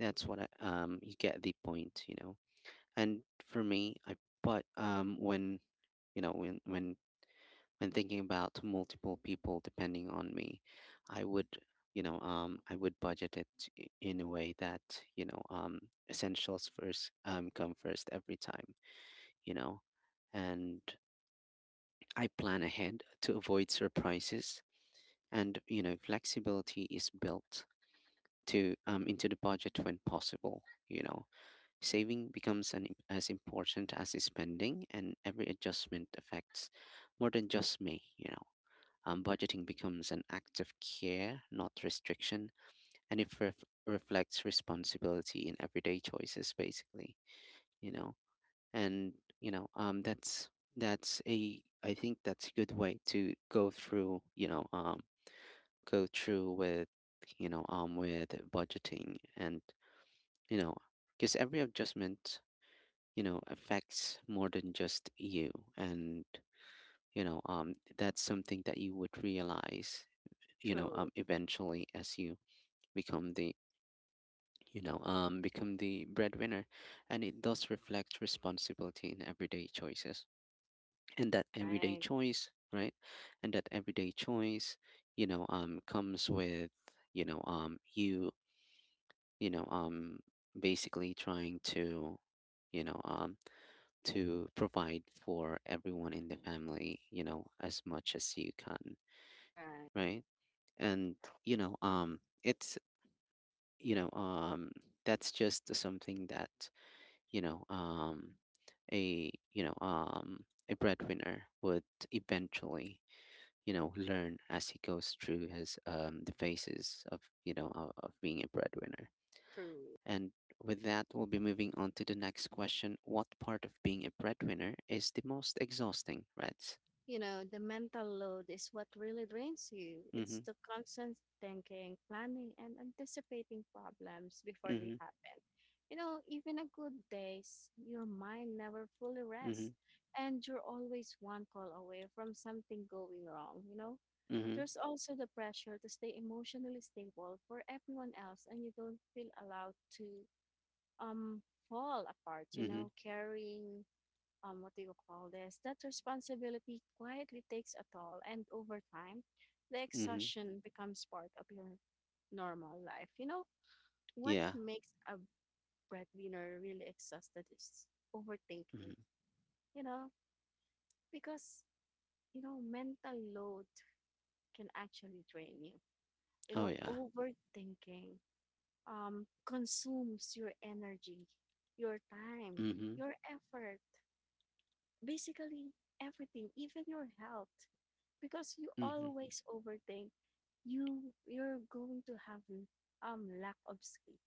Speaker 1: that's what I— you get the point, And for me, I but when, you know when when when thinking about multiple people depending on me, I would, I would budget it in a way that, you know um, essentials first, come first every time, you know, and I plan ahead to avoid surprises, and, flexibility is built to, into the budget when possible, you know saving becomes an, as important as is spending, and every adjustment affects more than just me, budgeting becomes an act of care, not restriction, and it reflects responsibility in everyday choices, basically, you know and you know that's— that's a I think that's a good way to go through, go through with, with budgeting. And, you know because every adjustment, affects more than just you. And, that's something that you would realize,
Speaker 2: True.
Speaker 1: eventually, as you become the, become the breadwinner. And it does reflect responsibility in everyday choices, and that everyday
Speaker 2: Right.
Speaker 1: choice, right? And that everyday choice, comes with, you know um you you know um basically trying to, you know um to provide for everyone in the family, as much as you can,
Speaker 2: Right.
Speaker 1: right? And, you know it's you know that's just something that, you know um a breadwinner would eventually, learn as he goes through his, the phases of, of being a breadwinner.
Speaker 2: True.
Speaker 1: And with that, we'll be moving on to the next question. What part of being a breadwinner is the most exhausting, Reds?
Speaker 2: You know, the mental load is what really drains you.
Speaker 1: Mm-hmm.
Speaker 2: It's the constant thinking, planning, and anticipating problems before they
Speaker 1: Mm-hmm.
Speaker 2: happen. You know, even a good days, your mind never fully
Speaker 1: Mm-hmm.
Speaker 2: rests, and you're always one call away from something going wrong, you know?
Speaker 1: Mm-hmm.
Speaker 2: There's also the pressure to stay emotionally stable for everyone else, and you don't feel allowed to um fall apart, you
Speaker 1: Mm-hmm.
Speaker 2: know, carrying what do you call this? That responsibility quietly takes a toll, and over time, the
Speaker 1: Mm-hmm.
Speaker 2: exhaustion becomes part of your normal life. You know, what
Speaker 1: Yeah.
Speaker 2: makes a breadwinner really exhausted is overthinking,
Speaker 1: Mm-hmm.
Speaker 2: you know, because, you know, mental load can actually drain you. You
Speaker 1: Oh
Speaker 2: know,
Speaker 1: yeah.
Speaker 2: overthinking consumes your energy, your time,
Speaker 1: Mm-hmm.
Speaker 2: your effort, basically everything, even your health, because you
Speaker 1: Mm-hmm.
Speaker 2: always overthink. You're going to have lack of sleep,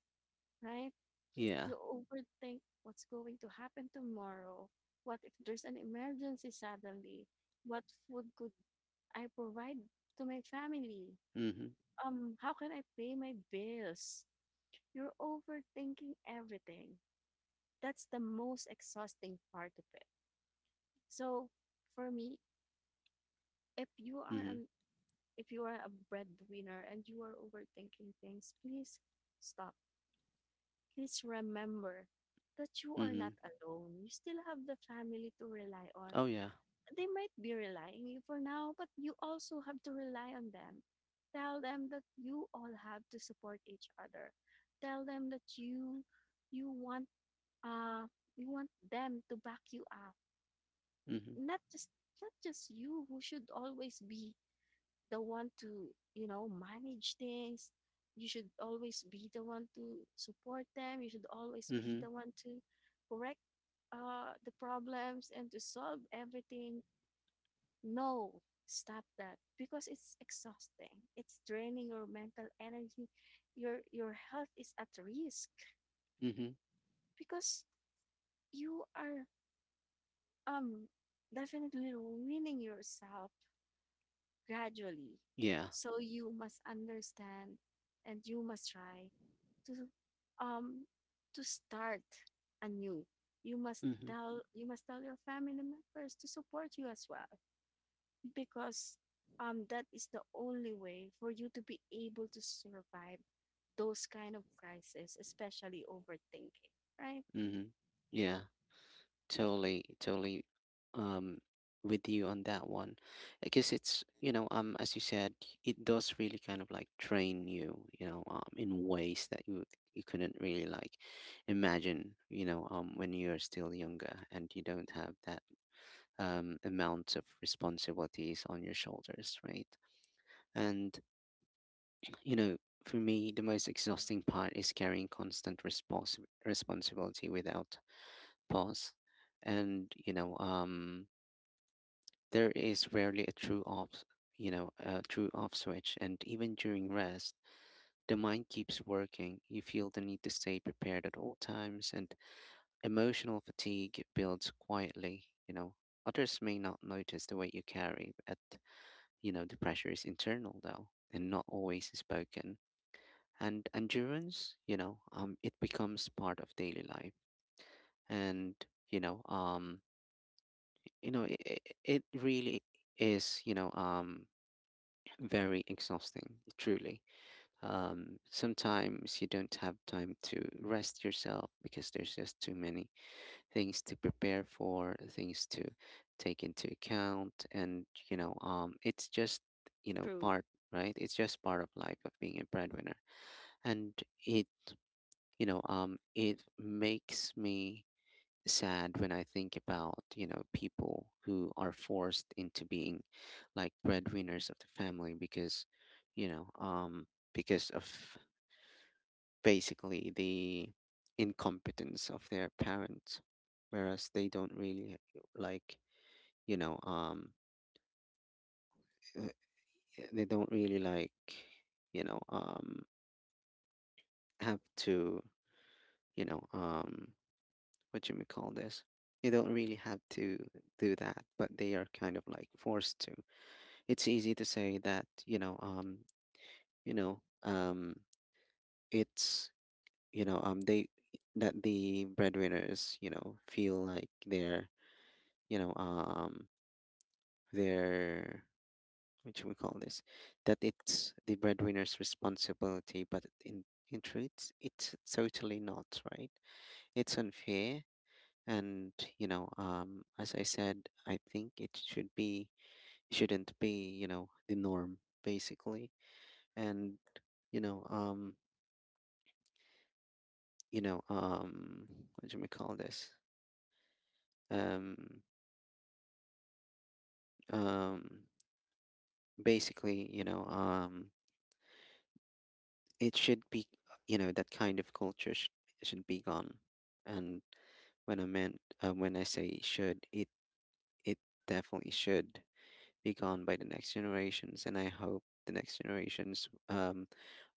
Speaker 2: right?
Speaker 1: Yeah.
Speaker 2: You overthink what's going to happen tomorrow. What if there's an emergency suddenly? What food could I provide to my family?
Speaker 1: Mm-hmm.
Speaker 2: How can I pay my bills? You're overthinking everything. That's the most exhausting part of it. So, for me, if you are
Speaker 1: Mm-hmm.
Speaker 2: an if you are a breadwinner and you are overthinking things, please stop. Please remember that you are
Speaker 1: Mm-hmm.
Speaker 2: not alone. You still have the family to rely on.
Speaker 1: Oh yeah.
Speaker 2: They might be relying you for now, but you also have to rely on them. Tell them that you all have to support each other. Tell them that you want uh you want them to back you up.
Speaker 1: Mm-hmm.
Speaker 2: Not just not just you who should always be the one to, you know, manage things. You should always be the one to support them. You should always be
Speaker 1: Mm-hmm.
Speaker 2: the one to correct the problems and to solve everything. No, stop that, because it's exhausting. It's draining your mental energy. Your health is at risk
Speaker 1: Mm-hmm.
Speaker 2: because you are um definitely ruining yourself gradually.
Speaker 1: Yeah.
Speaker 2: So you must understand, and you must try to um to start anew. You must
Speaker 1: Mm-hmm.
Speaker 2: tell you must tell your family members to support you as well, because that is the only way for you to be able to survive those kind of crises, especially overthinking, right?
Speaker 1: Mm-hmm. Yeah. Totally, totally, um, with you on that one, because it's, as you said, it does really kind of like train you, you know in ways that you— you couldn't really like imagine, when you're still younger and you don't have that, amount of responsibilities on your shoulders, right? And, you know for me, the most exhausting part is carrying constant responsibility without pause. And, there is rarely a true off, a true off switch, and even during rest, the mind keeps working. You feel the need to stay prepared at all times, and emotional fatigue builds quietly, Others may not notice the weight you carry, but, the pressure is internal though, and not always spoken. And endurance, it becomes part of daily life, and, you know, um, it, it really is, very exhausting, truly. Sometimes you don't have time to rest yourself because there's just too many things to prepare for, things to take into account, and, it's just,
Speaker 2: True,
Speaker 1: part, right? It's just part of life of being a breadwinner, and it, it makes me sad when I think about, people who are forced into being like breadwinners of the family because, you know, um, because of basically the incompetence of their parents, whereas they don't really like, you know, um, uh, they don't really like, you know, um, have to, you know, um, what do we call this? They don't really have to do that, but they are kind of like forced to. It's easy to say that, you know um it's, they— that the breadwinners, feel like they're, you know um they're— what should we call this— that it's the breadwinner's responsibility, but in— in truth, it's totally not, right? It's unfair. And, as I said, I think it should be— shouldn't be, the norm, basically. And, you know um you know um what do we call this, um um basically, it should be, that kind of culture should— should be gone. And when I meant, when I say should, it— it definitely should be gone by the next generations. And I hope the next generations,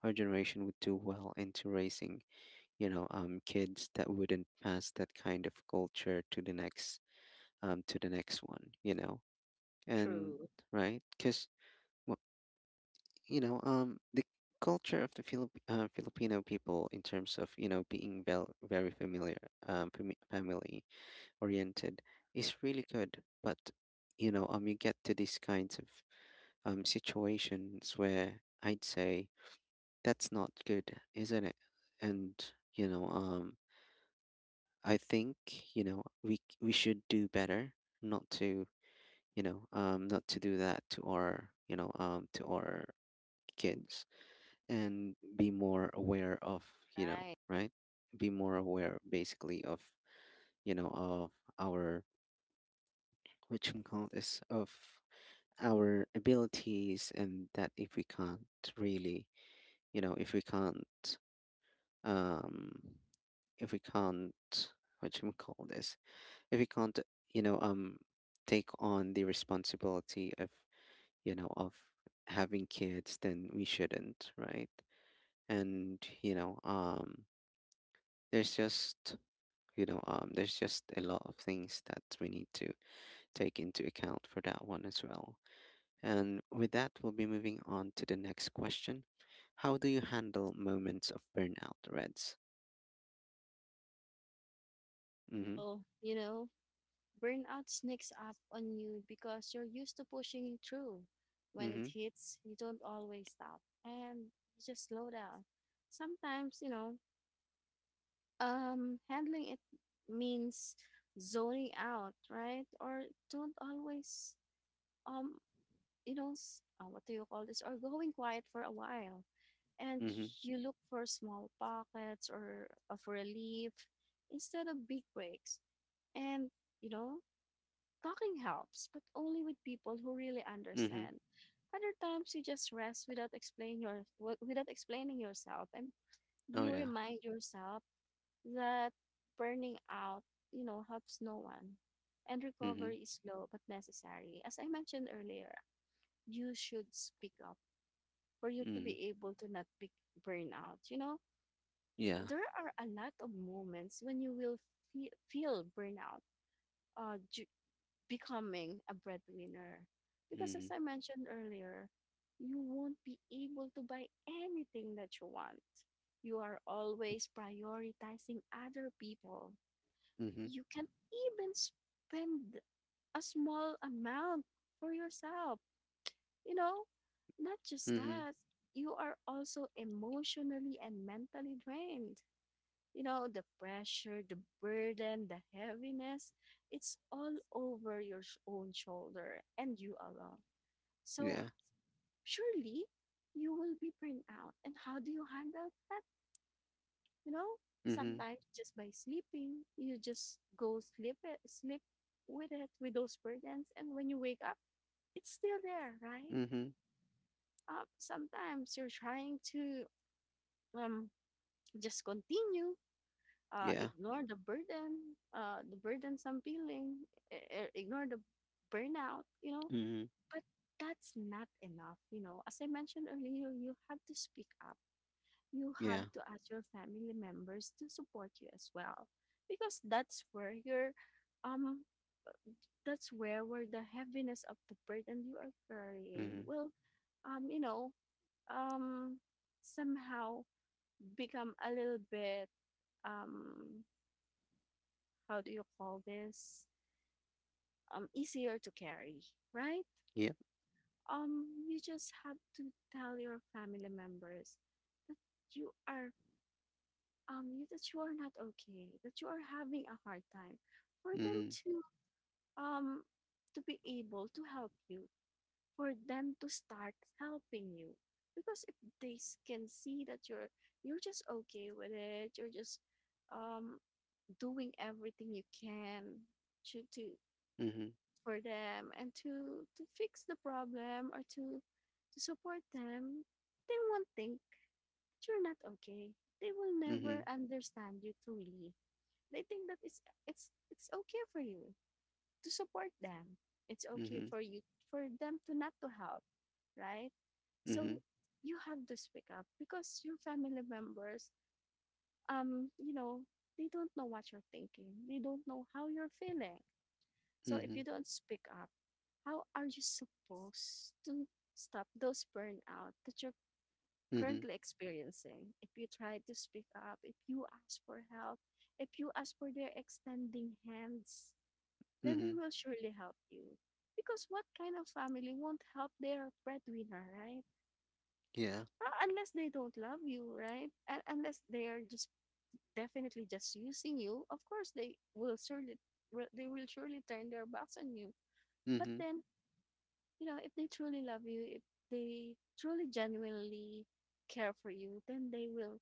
Speaker 1: our generation, would do well into raising, kids that wouldn't pass that kind of culture to the next, to the next one,
Speaker 2: true.
Speaker 1: and right, because, the culture of the Filipino people in terms of, being very familiar, family oriented, is really good, but, you get to these kinds of, situations where I'd say that's not good, isn't it? And, I think, we we should do better not to, not to do that to our, to our kids, and be more aware of,
Speaker 2: Right.
Speaker 1: right, be more aware basically of, you know of our which call this of our abilities, and that if we can't really, if we can't, um if we can't, what you call this, if we can't, you know um take on the responsibility of, you know of having kids, then we shouldn't, right? And, there's just, there's just a lot of things that we need to take into account for that one as well. And with that, we'll be moving on to the next question. How do you handle moments of burnout, Reds? Mm-hmm.
Speaker 2: Well, you know, burnout sneaks up on you because you're used to pushing through. When it
Speaker 1: Mm-hmm.
Speaker 2: hits, you don't always stop and you just slow down. Sometimes, you know, handling it means zoning out, right? Or don't always, um, you know, s- what do you call this? Or going quiet for a while. And
Speaker 1: Mm-hmm.
Speaker 2: you look for small pockets or of relief instead of big breaks. And you know, talking helps, but only with people who really
Speaker 1: Mm-hmm.
Speaker 2: understand. Other times you just rest without without explaining yourself, and
Speaker 1: Oh
Speaker 2: you
Speaker 1: yeah.
Speaker 2: remind yourself that burning out, you know, helps no one. And
Speaker 1: Mm-hmm.
Speaker 2: recovery is slow but necessary. As I mentioned earlier, you should speak up for you to
Speaker 1: Mm-hmm.
Speaker 2: be able to not be burn out, you know?
Speaker 1: Yeah.
Speaker 2: There are a lot of moments when you will feel burnout uh, d- becoming a breadwinner. Because as
Speaker 1: Mm-hmm.
Speaker 2: I mentioned earlier, you won't be able to buy anything that you want. You are always prioritizing other people.
Speaker 1: Mm-hmm.
Speaker 2: You can even spend a small amount for yourself. You know, not just
Speaker 1: Mm-hmm.
Speaker 2: that, you are also emotionally and mentally drained. You know, the pressure, the burden, the heaviness, it's all over your own shoulder, and you alone. So
Speaker 1: Yeah.
Speaker 2: surely you will be burned out. And how do you handle that? You know,
Speaker 1: Mm-hmm.
Speaker 2: sometimes just by sleeping. You just go sleep it, sleep with it, with those burdens, and when you wake up, it's still there, right?
Speaker 1: Mm-hmm.
Speaker 2: Sometimes you're trying to um just continue,
Speaker 1: Yeah.
Speaker 2: ignore the burden, the burdensome feeling, i- ignore the burnout, you know.
Speaker 1: Mm-hmm.
Speaker 2: But that's not enough, you know. As I mentioned earlier, you have to speak up. You have
Speaker 1: Yeah.
Speaker 2: to ask your family members to support you as well, because that's where your, um, that's where the heaviness of the burden you are carrying
Speaker 1: Mm-hmm.
Speaker 2: will, um, you know, um, somehow become a little bit, um, how do you call this? Easier to carry, right?
Speaker 1: Yep.
Speaker 2: You just have to tell your family members that you are that you are not okay, that you are having a hard time, for them
Speaker 1: Mm-hmm.
Speaker 2: um to be able to help you, for them to start helping you, because if they can see that you're just okay with it, you're just um doing everything you can to
Speaker 1: Mm-hmm.
Speaker 2: for them and to fix the problem or to support them, they won't think that you're not okay. They will never
Speaker 1: Mm-hmm.
Speaker 2: understand you truly. They think that it's okay for you to support them. It's okay
Speaker 1: Mm-hmm.
Speaker 2: for you for them to not to help, right? So
Speaker 1: Mm-hmm.
Speaker 2: you have to speak up, because your family members, you know, they don't know what you're thinking. They don't know how you're feeling. So if you
Speaker 1: Mm-hmm.
Speaker 2: don't speak up, how are you supposed to stop those burnout that you're
Speaker 1: Mm-hmm.
Speaker 2: currently experiencing? If you try to speak up, if you ask for help, if you ask for their extending hands, then they
Speaker 1: Mm-hmm.
Speaker 2: will surely help you, because what kind of family won't help their breadwinner, right?
Speaker 1: Yeah.
Speaker 2: Unless they don't love you, right, and unless they are just definitely just using you. Of course they will surely they will surely turn their backs on you. But
Speaker 1: Mm-hmm.
Speaker 2: then, you know, if they truly love you, if they truly genuinely care for you, then they will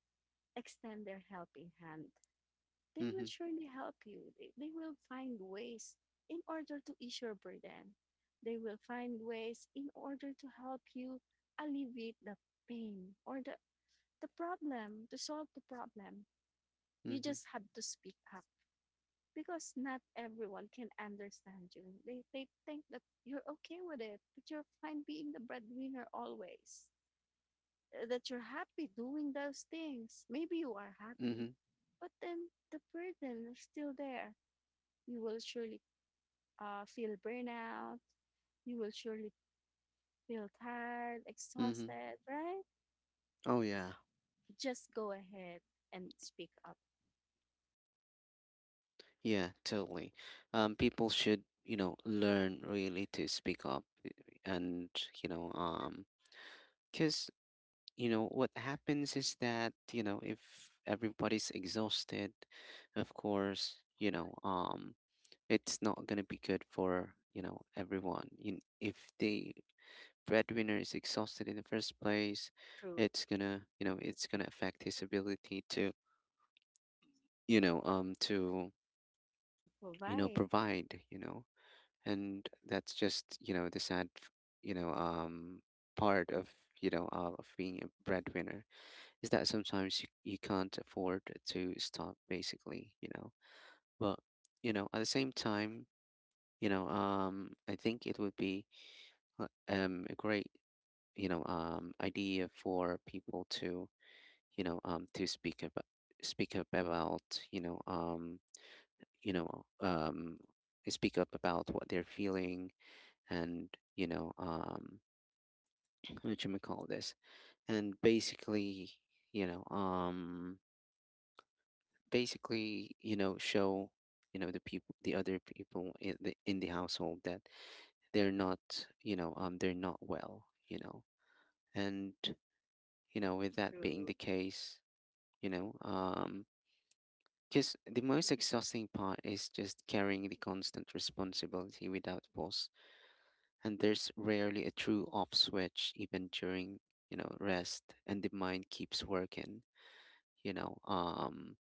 Speaker 2: extend their helping hand. They will
Speaker 1: Mm-hmm.
Speaker 2: surely help you. They will find ways in order to ease your burden. They will find ways in order to help you alleviate the pain, or the problem, to solve the problem. You
Speaker 1: Mm-hmm.
Speaker 2: just have to speak up, because not everyone can understand you. They think that you're okay with it, that you're fine being the breadwinner always, that you're happy doing those things. Maybe you are happy,
Speaker 1: Mm-hmm.
Speaker 2: but then the burden is still there. You will surely feel burnout. You will surely feel tired,
Speaker 1: Mm-hmm.
Speaker 2: exhausted, right?
Speaker 1: Oh yeah.
Speaker 2: Just go ahead and speak up.
Speaker 1: Yeah, totally. People should, learn really to speak up, and, you know, um, because, what happens is that, if everybody's exhausted, of course, it's not gonna be good for, everyone. In If the breadwinner is exhausted in the first place,
Speaker 2: True.
Speaker 1: it's gonna affect his ability to you know, um, to,
Speaker 2: To
Speaker 1: you know,
Speaker 2: provide.
Speaker 1: provide. And that's just the sadyou know, um, part of being a breadwinner is that sometimes you can't afford to stop basically, but at the same time, I think it would be a great, idea for people to speak up about, you know um speak up about what they're feeling. And you know um what you may call this, and you know um basically , show the other people in the household that they're not they're not well. And with that being
Speaker 2: True.
Speaker 1: the case, you know, um, because the most exhausting part is just carrying the constant responsibility without pause, and there's rarely a true off switch even during rest, and the mind keeps working. you know um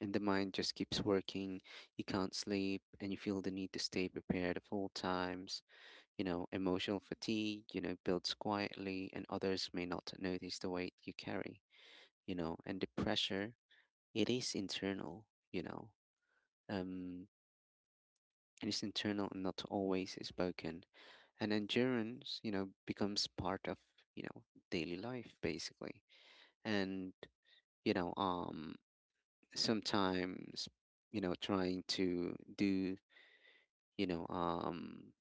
Speaker 1: and the mind just keeps working. You can't sleep, and you feel the need to stay prepared at all times. Emotional fatigue builds quietly, and others may not notice the weight you carry. And the pressure, it is internal um and is internal and not always spoken. And endurance becomes part of, you know, daily life basically. And, you know, um sometimes, trying to do, you know, um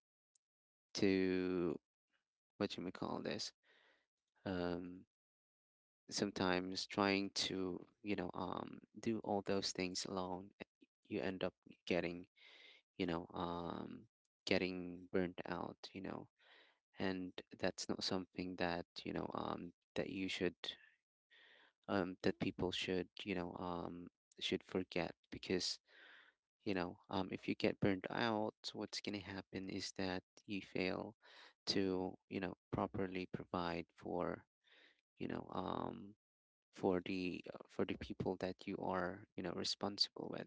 Speaker 1: to what you may call this, um sometimes trying to, do all those things alone, you end up getting, you know, um getting burnt out. And that's not something that you should, that people should forget, because if you get burned out, what's going to happen is that you fail to properly provide for you know um for the people that you are responsible with.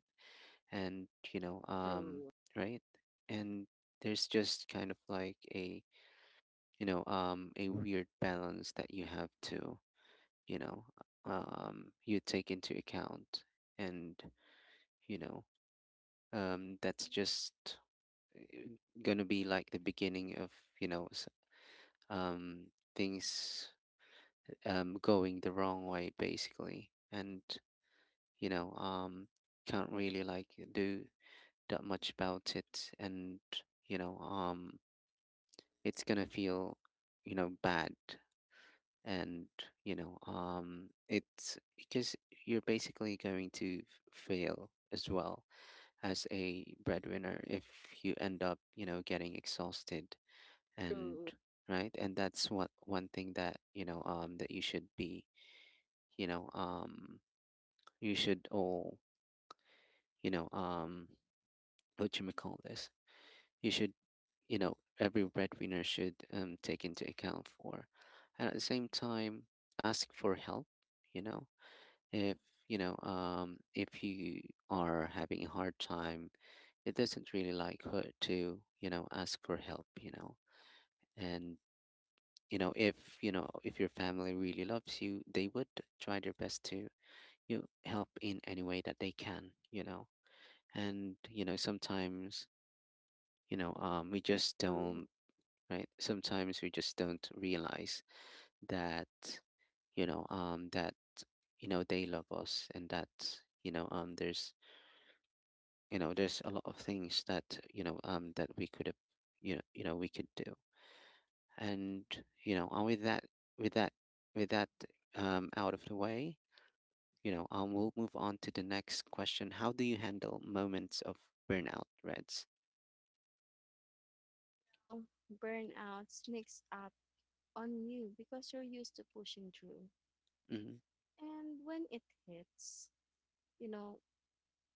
Speaker 1: And
Speaker 2: True.
Speaker 1: right, and there's just kind of like a weird balance that you have to you know you take into account. And you know that's just uh, gonna be like the beginning of you know s- um things going the wrong way basically, and you know um can't really like do that much about it. And you know um it's gonna feel bad, and it's because you're basically going to fail as well as a breadwinner if you end up getting exhausted. And
Speaker 2: True.
Speaker 1: right, and that's what one thing that that you should be you know um you should all you know um what you call this, you should, every breadwinner should take into account for. And at the same time, ask for help you know if if you are having a hard time, it doesn't really like hurt to ask for help. And if if your family really loves you, they would try their best to you help in any way that they can. And sometimes, we just
Speaker 2: True.
Speaker 1: don't. Right, sometimes we just don't realize that that they love us, and that there's there's a lot of things that that we could have we could do. And you know uh, with that with that with that out of the way, you know, um, we'll move on to the next question. How do you handle moments of burnout, Reds?
Speaker 2: Well, burnouts sneaks up on you because you're used to pushing through.
Speaker 1: Mm-hmm.
Speaker 2: And when it hits, you know,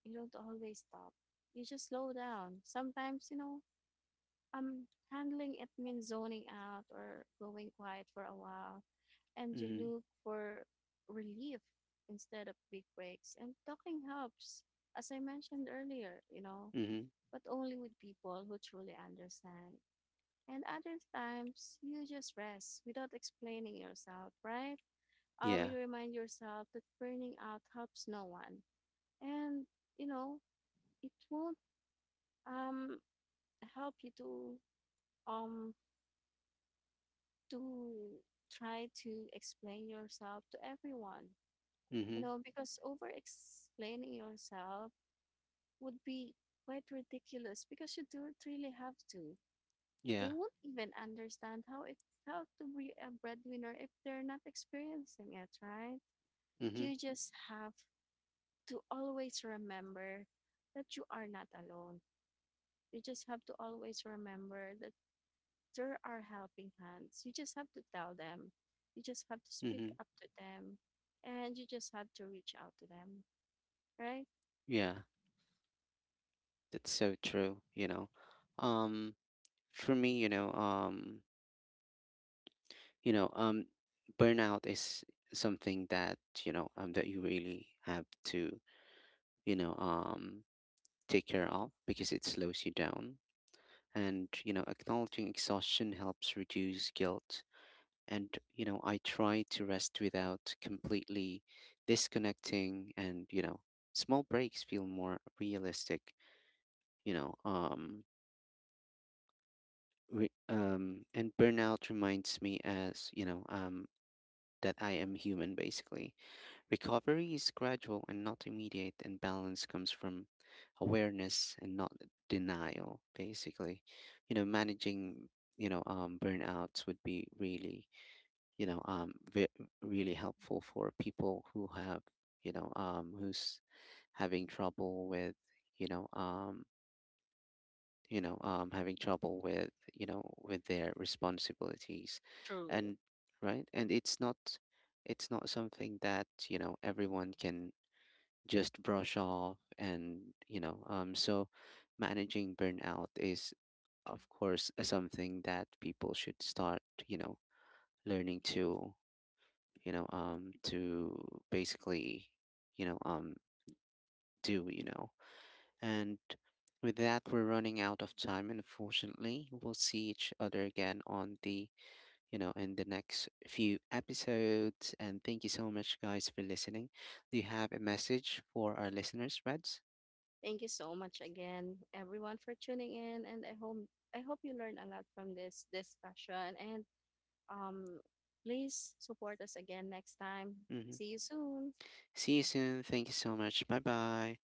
Speaker 2: you don't always stop. You just slow down. Sometimes, you know, um, handling it means zoning out or going quiet for a while. And you
Speaker 1: Mm-hmm.
Speaker 2: look for relief instead of big breaks. And talking helps, as I mentioned earlier, you know,
Speaker 1: Mm-hmm.
Speaker 2: but only with people who truly understand. And other times you just rest without explaining yourself, right?
Speaker 1: Yeah.
Speaker 2: You remind yourself that burning out helps no one. And you know, it won't um help you to um to try to explain yourself to everyone. You
Speaker 1: Mm-hmm.
Speaker 2: know, because over explaining yourself would be quite ridiculous, because you don't really have to.
Speaker 1: Yeah.
Speaker 2: They won't even understand how to be a breadwinner if they're not experiencing it, right?
Speaker 1: Mm-hmm.
Speaker 2: You just have to always remember that you are not alone. You just have to always remember that there are helping hands. You just have to tell them. You just have to speak
Speaker 1: Mm-hmm.
Speaker 2: up to them, and you just have to reach out to them, right?
Speaker 1: Yeah, that's so true um for me, you know um burnout is something that that you really have to you know um take care of, because it slows you down, and acknowledging exhaustion helps reduce guilt. And I try to rest without completely disconnecting, and small breaks feel more realistic. you know um and burnout reminds me as you know that I am human basically. Recovery is gradual and not immediate, and balance comes from awareness and not denial, basically. You know, managing, burnouts would be really, you know, um, ve- really helpful for people who have, who's having trouble with, you know, um, having trouble with with their responsibilities,
Speaker 2: True.
Speaker 1: and right, and it's not something that everyone can just brush off, and so managing burnout is of course something that people should start you know learning to to basically you know um do and with that, we're running out of time, unfortunately. We'll see each other again on the in the next few episodes, and thank you so much, guys, for listening. Do you have a message for our listeners, Reds?
Speaker 2: Thank you so much again, everyone, for tuning in, and I hope you learned a lot from this discussion. And um, please support us again next time.
Speaker 1: Hmm.
Speaker 2: See you soon.
Speaker 1: See you soon. Thank you so much. Bye bye.